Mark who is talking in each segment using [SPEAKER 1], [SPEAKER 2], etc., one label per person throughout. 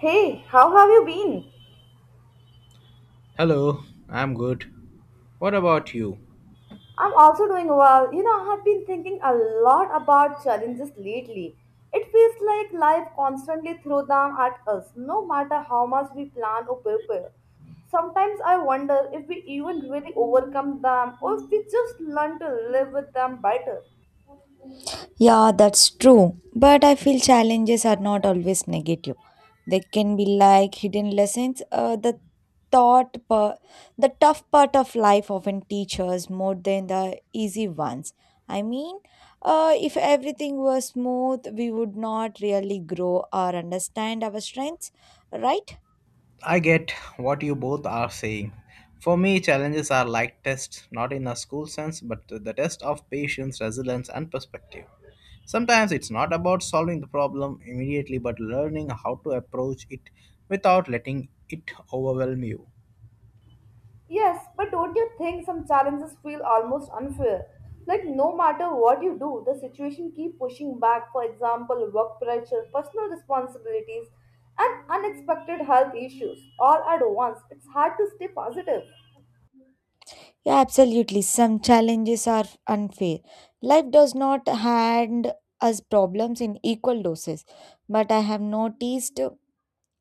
[SPEAKER 1] Hey, how have you been?
[SPEAKER 2] Hello, I'm good. What about you?
[SPEAKER 1] I'm also doing well. You know, I have been thinking a lot about challenges lately. It feels like life constantly throws them at us, no matter how much we plan or prepare. Sometimes I wonder if we even really overcome them or if we just learn to live with them better.
[SPEAKER 3] Yeah, that's true. But I feel challenges are not always negative. They can be like hidden lessons. Thought, per- the tough part of life often teaches more than the easy ones. I mean, if everything was smooth, we would not really grow or understand our strengths, right?
[SPEAKER 2] I get what you both are saying. For me, challenges are like tests, not in a school sense, but the test of patience, resilience, and perspective. Sometimes it's not about solving the problem immediately, but learning how to approach it without letting it overwhelm you.
[SPEAKER 1] Yes, but don't you think some challenges feel almost unfair? Like no matter what you do, the situation keep pushing back. For example, work pressure, personal responsibilities, and unexpected health issues all at once. It's hard to stay positive.
[SPEAKER 3] Yeah, absolutely. Some challenges are unfair. Life does not hand us problems in equal doses. But I have noticed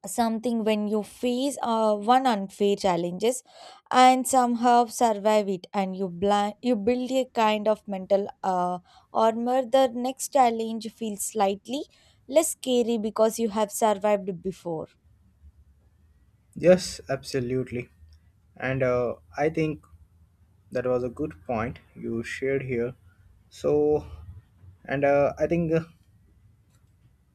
[SPEAKER 3] something when you face one unfair challenges and somehow survive it, and you build a kind of mental armor. The next challenge feels slightly less scary because you have survived before.
[SPEAKER 2] Yes, absolutely. And I think that was a good point you shared here. So, and I think.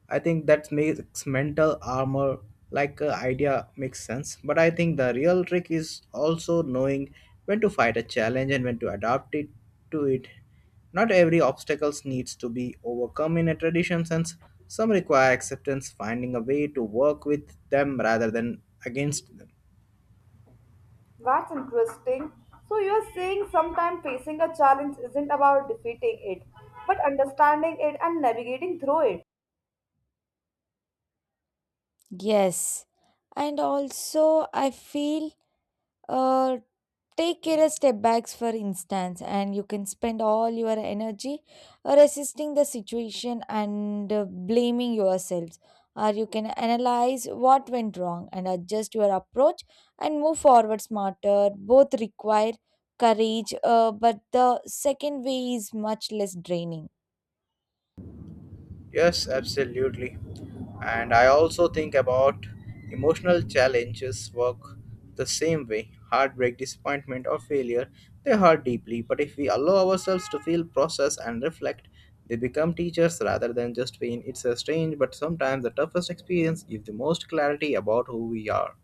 [SPEAKER 2] I think that makes mental armor like idea makes sense. But I think the real trick is also knowing when to fight a challenge and when to adapt it to it. Not every obstacles needs to be overcome in a traditional sense. Some require acceptance, finding a way to work with them rather than against them.
[SPEAKER 1] That's interesting. So you're saying sometimes facing a challenge isn't about defeating it, but understanding it and navigating through it.
[SPEAKER 3] Yes, and also I feel, uh, take care of step backs, for instance, and you can spend all your energy resisting the situation and blaming yourselves. Or you can analyze what went wrong and adjust your approach and move forward smarter. Both require courage, but the second way is much less draining.
[SPEAKER 2] Yes, absolutely. And I also think about emotional challenges work the same way. Heartbreak, disappointment, or failure, they hurt deeply. But if we allow ourselves to feel, process, and reflect, they become teachers rather than just pain. It's a strange, but sometimes the toughest experience gives the most clarity about who we are.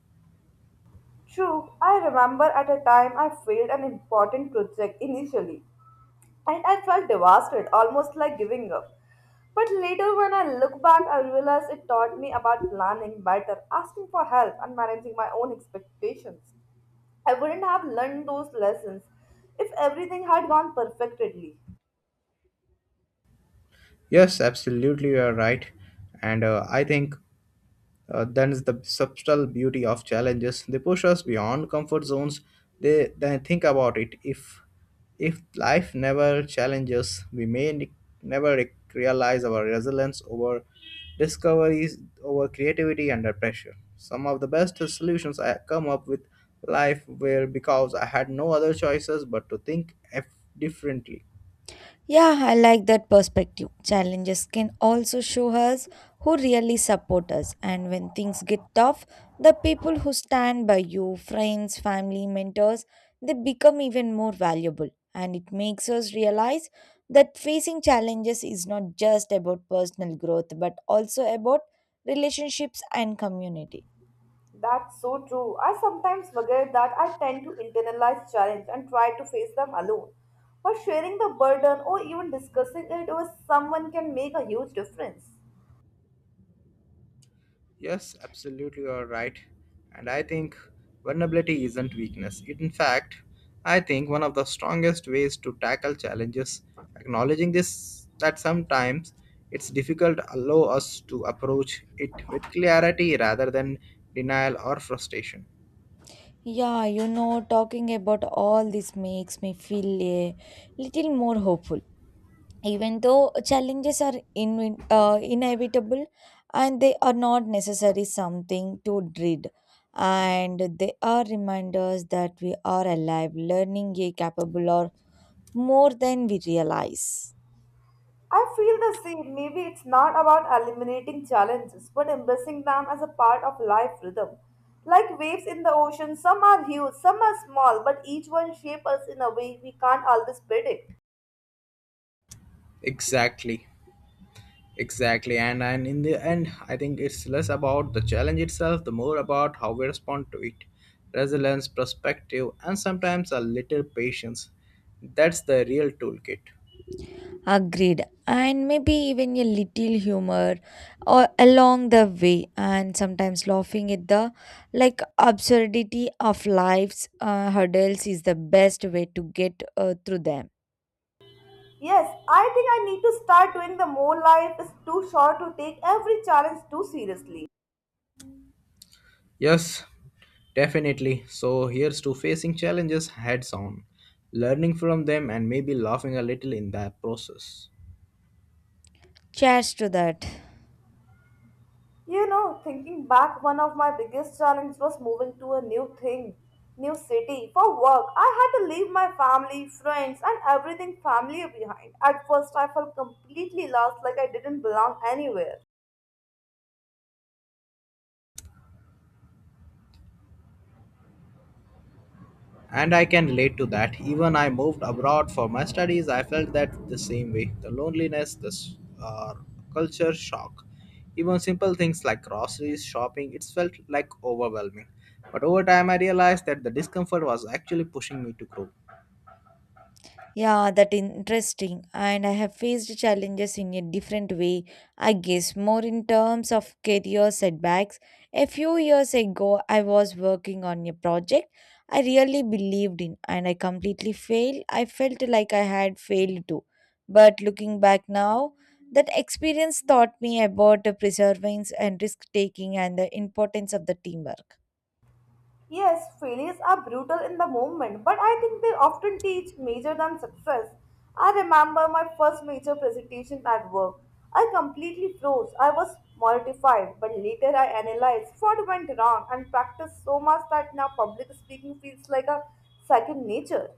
[SPEAKER 1] True, I remember at a time I failed an important project initially. And I felt devastated, almost like giving up. But later, when I look back, I realize it taught me about planning better, asking for help, and managing my own expectations. I wouldn't have learned those lessons if everything had gone perfectly.
[SPEAKER 2] Yes, absolutely, you are right. And I think Then is the subtle beauty of challenges. They push us beyond comfort zones. They then think about it. If life never challenges, we may never realize our resilience over discoveries, over creativity under pressure. Some of the best solutions I come up with life were because I had no other choices but to think differently.
[SPEAKER 3] Yeah, I like that perspective. Challenges can also show us who really support us, and when things get tough, the people who stand by you, friends, family, mentors, they become even more valuable. And it makes us realize that facing challenges is not just about personal growth but also about relationships and community.
[SPEAKER 1] That's so true. I sometimes forget that I tend to internalize challenge and try to face them alone. But sharing the burden or even discussing it with someone can make a huge difference.
[SPEAKER 2] Yes, absolutely, you are right. And I think vulnerability isn't weakness. It, in fact, I think one of the strongest ways to tackle challenges, acknowledging this that sometimes it's difficult, allow us to approach it with clarity rather than denial or frustration.
[SPEAKER 3] Yeah, talking about all this makes me feel a little more hopeful, even though challenges are inevitable, and they are not necessarily something to dread, and they are reminders that we are alive, learning a capable or more than we realize.
[SPEAKER 1] I feel the same. Maybe it's not about eliminating challenges, but embracing them as a part of life rhythm. Like waves in the ocean, some are huge, some are small, but each one shapes us in a way we can't always predict.
[SPEAKER 2] Exactly. Exactly, and in the end, I think it's less about the challenge itself, the more about how we respond to it, resilience, perspective, and sometimes a little patience. That's the real toolkit.
[SPEAKER 3] Agreed, and maybe even a little humor or along the way, and sometimes laughing at the like absurdity of life's hurdles is the best way to get through them.
[SPEAKER 1] Yes, I think I need to start doing the more life is too short to take every challenge too seriously.
[SPEAKER 2] Yes, definitely. So here's to facing challenges heads on, learning from them, and maybe laughing a little in that process.
[SPEAKER 3] Cheers to that.
[SPEAKER 1] You know, thinking back, one of my biggest challenges was moving to a new thing, new city for work. I had to leave my family, friends, and everything familiar behind. At first, I felt completely lost, like I didn't belong anywhere.
[SPEAKER 2] And I can relate to that. Even I moved abroad for my studies, I felt that the same way. The loneliness, the uh, culture shock, even simple things like groceries, shopping, it felt like overwhelming. But over time, I realized that the discomfort was actually pushing me to grow.
[SPEAKER 3] Yeah, that interesting. And I have faced challenges in a different way, I guess, more in terms of career setbacks. A few years ago, I was working on a project I really believed in, and I completely failed. I felt like I had failed too. But looking back now, that experience taught me about perseverance and risk taking and the importance of the teamwork.
[SPEAKER 1] Yes, failures are brutal in the moment, but I think they often teach major than success. I remember my first major presentation at work. I completely froze. I was mortified, but later I analyzed what went wrong and practiced so much that now public speaking feels like a second nature.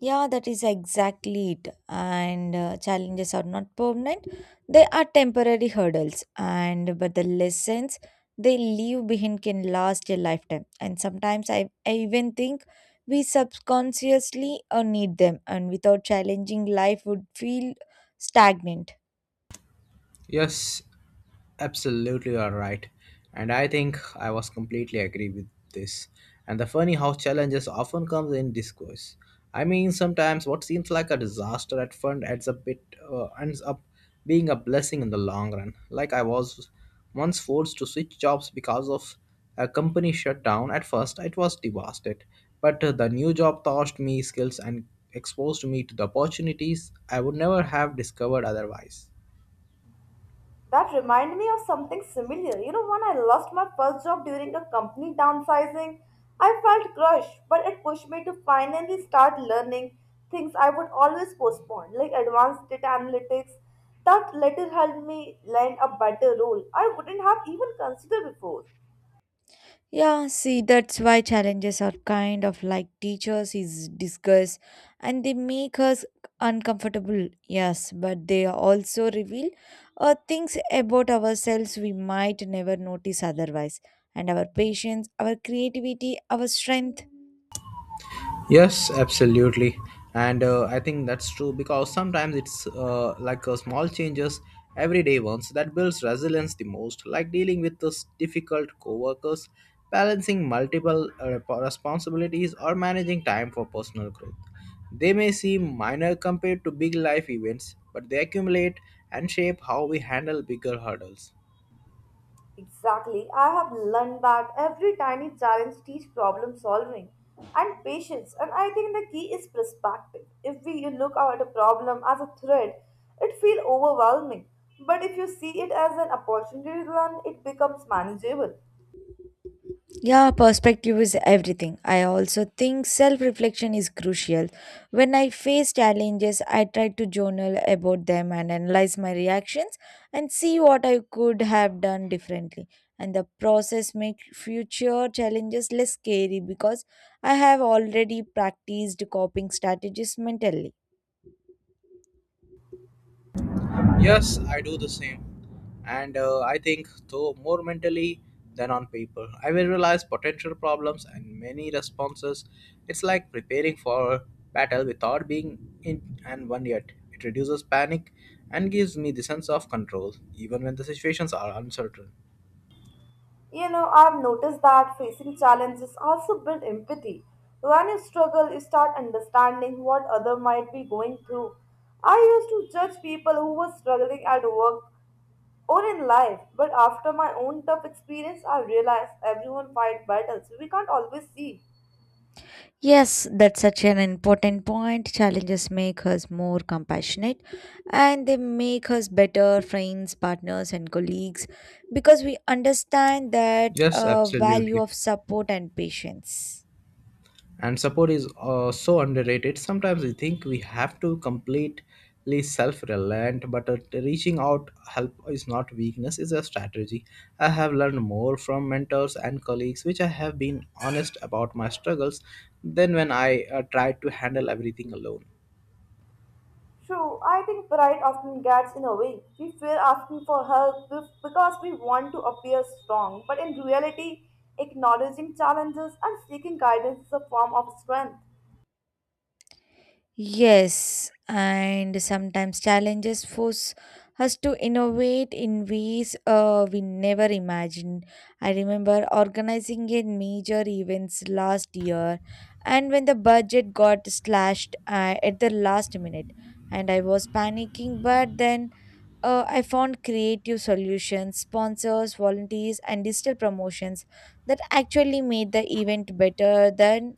[SPEAKER 3] Yeah, that is exactly it. And challenges are not permanent, they are temporary hurdles. And but the lessons they leave behind can last a lifetime. And sometimes I even think we subconsciously need them, and without challenging, life would feel stagnant.
[SPEAKER 2] Yes, absolutely, you are right. And I think I was completely agree with this. And the funny how challenges often comes in discourse. I mean, sometimes what seems like a disaster at front ends up being a blessing in the long run. Like I was once forced to switch jobs because of a company shutdown. At first, it was devastated, but the new job taught me skills and exposed me to the opportunities I would never have discovered otherwise.
[SPEAKER 1] That reminded me of something similar. You know, when I lost my first job during a company downsizing, I felt crushed, but it pushed me to finally start learning things I would always postpone, like advanced data analytics. That later helped me land a better role I wouldn't have even considered before.
[SPEAKER 3] Yeah, see, that's why challenges are kind of like teachers is discuss, and they make us uncomfortable, yes, but they also reveal things about ourselves we might never notice otherwise, and our patience, our creativity, our strength.
[SPEAKER 2] Yes, absolutely. And I think that's true because sometimes it's like a small changes, everyday ones that builds resilience the most, like dealing with those difficult coworkers, balancing multiple responsibilities, or managing time for personal growth. They may seem minor compared to big life events, but they accumulate and shape how we handle bigger hurdles.
[SPEAKER 1] Exactly. I have learned that every tiny challenge teaches problem solving and patience. And I think the key is perspective. If we you look at a problem as a threat, it feels overwhelming. But if you see it as an opportunity to learn, it becomes manageable.
[SPEAKER 3] Yeah, perspective is everything. I also think self reflection is crucial. When I face challenges, I try to journal about them and analyze my reactions and see what I could have done differently. And the process makes future challenges less scary because I have already practiced coping strategies mentally.
[SPEAKER 2] Yes, I do the same. And I think, though, more mentally than on paper. I will realize potential problems and many responses. It's like preparing for battle without being in and one yet. It reduces panic and gives me the sense of control, even when the situations are uncertain.
[SPEAKER 1] You know, I've noticed that facing challenges also build empathy. When you struggle, you start understanding what other might be going through. I used to judge people who were struggling at work or in life. But after my own tough experience, I realized everyone fight battles we can't always see.
[SPEAKER 3] Yes, that's such an important point. Challenges make us more compassionate, and they make us better friends, partners, and colleagues because we understand that
[SPEAKER 2] Yes,
[SPEAKER 3] value
[SPEAKER 2] absolutely.
[SPEAKER 3] of support and patience.
[SPEAKER 2] And support is so underrated. Sometimes we think we have to completely self-reliant, but reaching out help is not weakness, it's a strategy. I have learned more from mentors and colleagues which I have been honest about my struggles than when I tried to handle everything alone.
[SPEAKER 1] True, I think pride often gets in a way. We fear asking for help because we want to appear strong, but in reality, acknowledging challenges and seeking guidance is a form of strength.
[SPEAKER 3] Yes, and sometimes challenges force us to innovate in ways we never imagined. I remember organizing a major events last year, and when the budget got slashed at the last minute, and I was panicking, but then, I found creative solutions, sponsors, volunteers, and digital promotions that actually made the event better than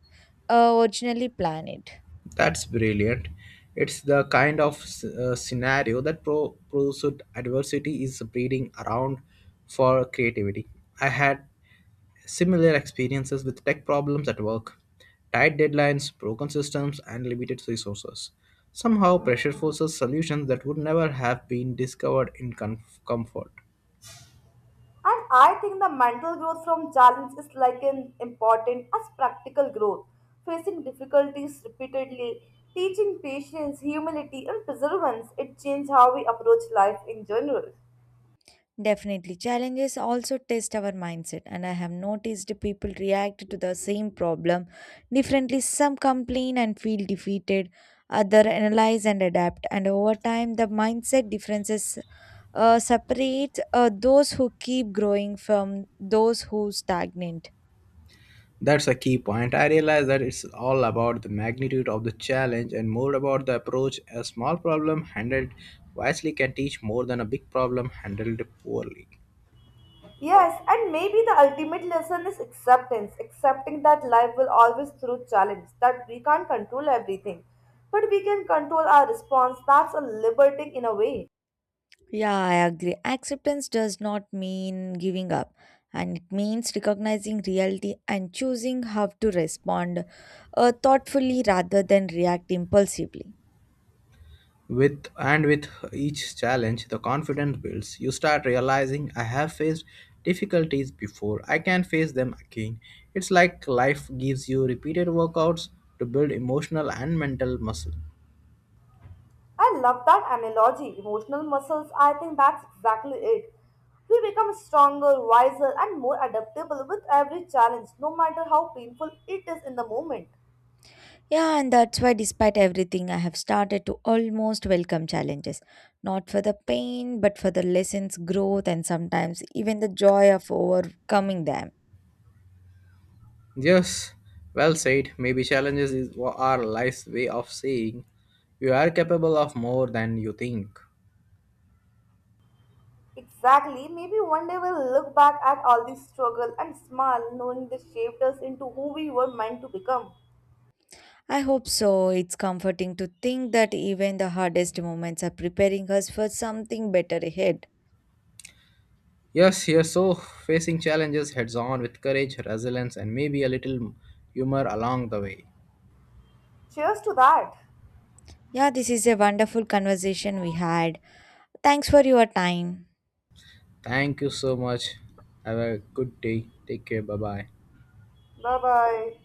[SPEAKER 3] originally planned.
[SPEAKER 2] That's brilliant. It's the kind of scenario that proves that adversity is breeding around for creativity. I had similar experiences with tech problems at work, tight deadlines, broken systems, and limited resources. Somehow, pressure forces solutions that would never have been discovered in comfort.
[SPEAKER 1] And I think the mental growth from challenge is like an important as practical growth, facing difficulties repeatedly, teaching patience, humility, and perseverance. It changes how we approach life in general.
[SPEAKER 3] Definitely. Challenges also test our mindset, and I have noticed people react to the same problem differently. Some complain and feel defeated, other analyze and adapt, and over time, the mindset differences separate those who keep growing from those who stagnate.
[SPEAKER 2] That's a key point. I realize that it's all about the magnitude of the challenge and more about the approach. A small problem handled wisely can teach more than a big problem handled poorly.
[SPEAKER 1] Yes, and maybe the ultimate lesson is acceptance, accepting that life will always throw challenge, that we can't control everything, but we can control our response. That's a liberating in a way.
[SPEAKER 3] Yeah, I agree. Acceptance does not mean giving up, and it means recognizing reality and choosing how to respond thoughtfully rather than react impulsively.
[SPEAKER 2] With each challenge, the confidence builds. You start realizing I have faced difficulties before. I can face them again. It's like life gives you repeated workouts to build emotional and mental muscle.
[SPEAKER 1] I love that analogy. Emotional muscles, I think that's exactly it. We become stronger, wiser, and more adaptable with every challenge, no matter how painful it is in the moment.
[SPEAKER 3] Yeah, and that's why, despite everything, I have started to almost welcome challenges, not for the pain, but for the lessons, growth, and sometimes even the joy of overcoming them.
[SPEAKER 2] Yes, well said. Maybe are life's way of saying you are capable of more than you think.
[SPEAKER 1] Exactly, maybe one day we'll look back at all these struggles and smile, knowing they shaped us into who we were meant to become.
[SPEAKER 3] I hope so. It's comforting to think that even the hardest moments are preparing us for something better ahead.
[SPEAKER 2] Yes, here so facing challenges heads on with courage, resilience, and maybe a little humor along the way.
[SPEAKER 1] Cheers to that!
[SPEAKER 3] Yeah, this is a wonderful conversation we had. Thanks for your time.
[SPEAKER 2] Thank you so much. Have a good day. Take care. Bye bye.
[SPEAKER 1] Bye bye.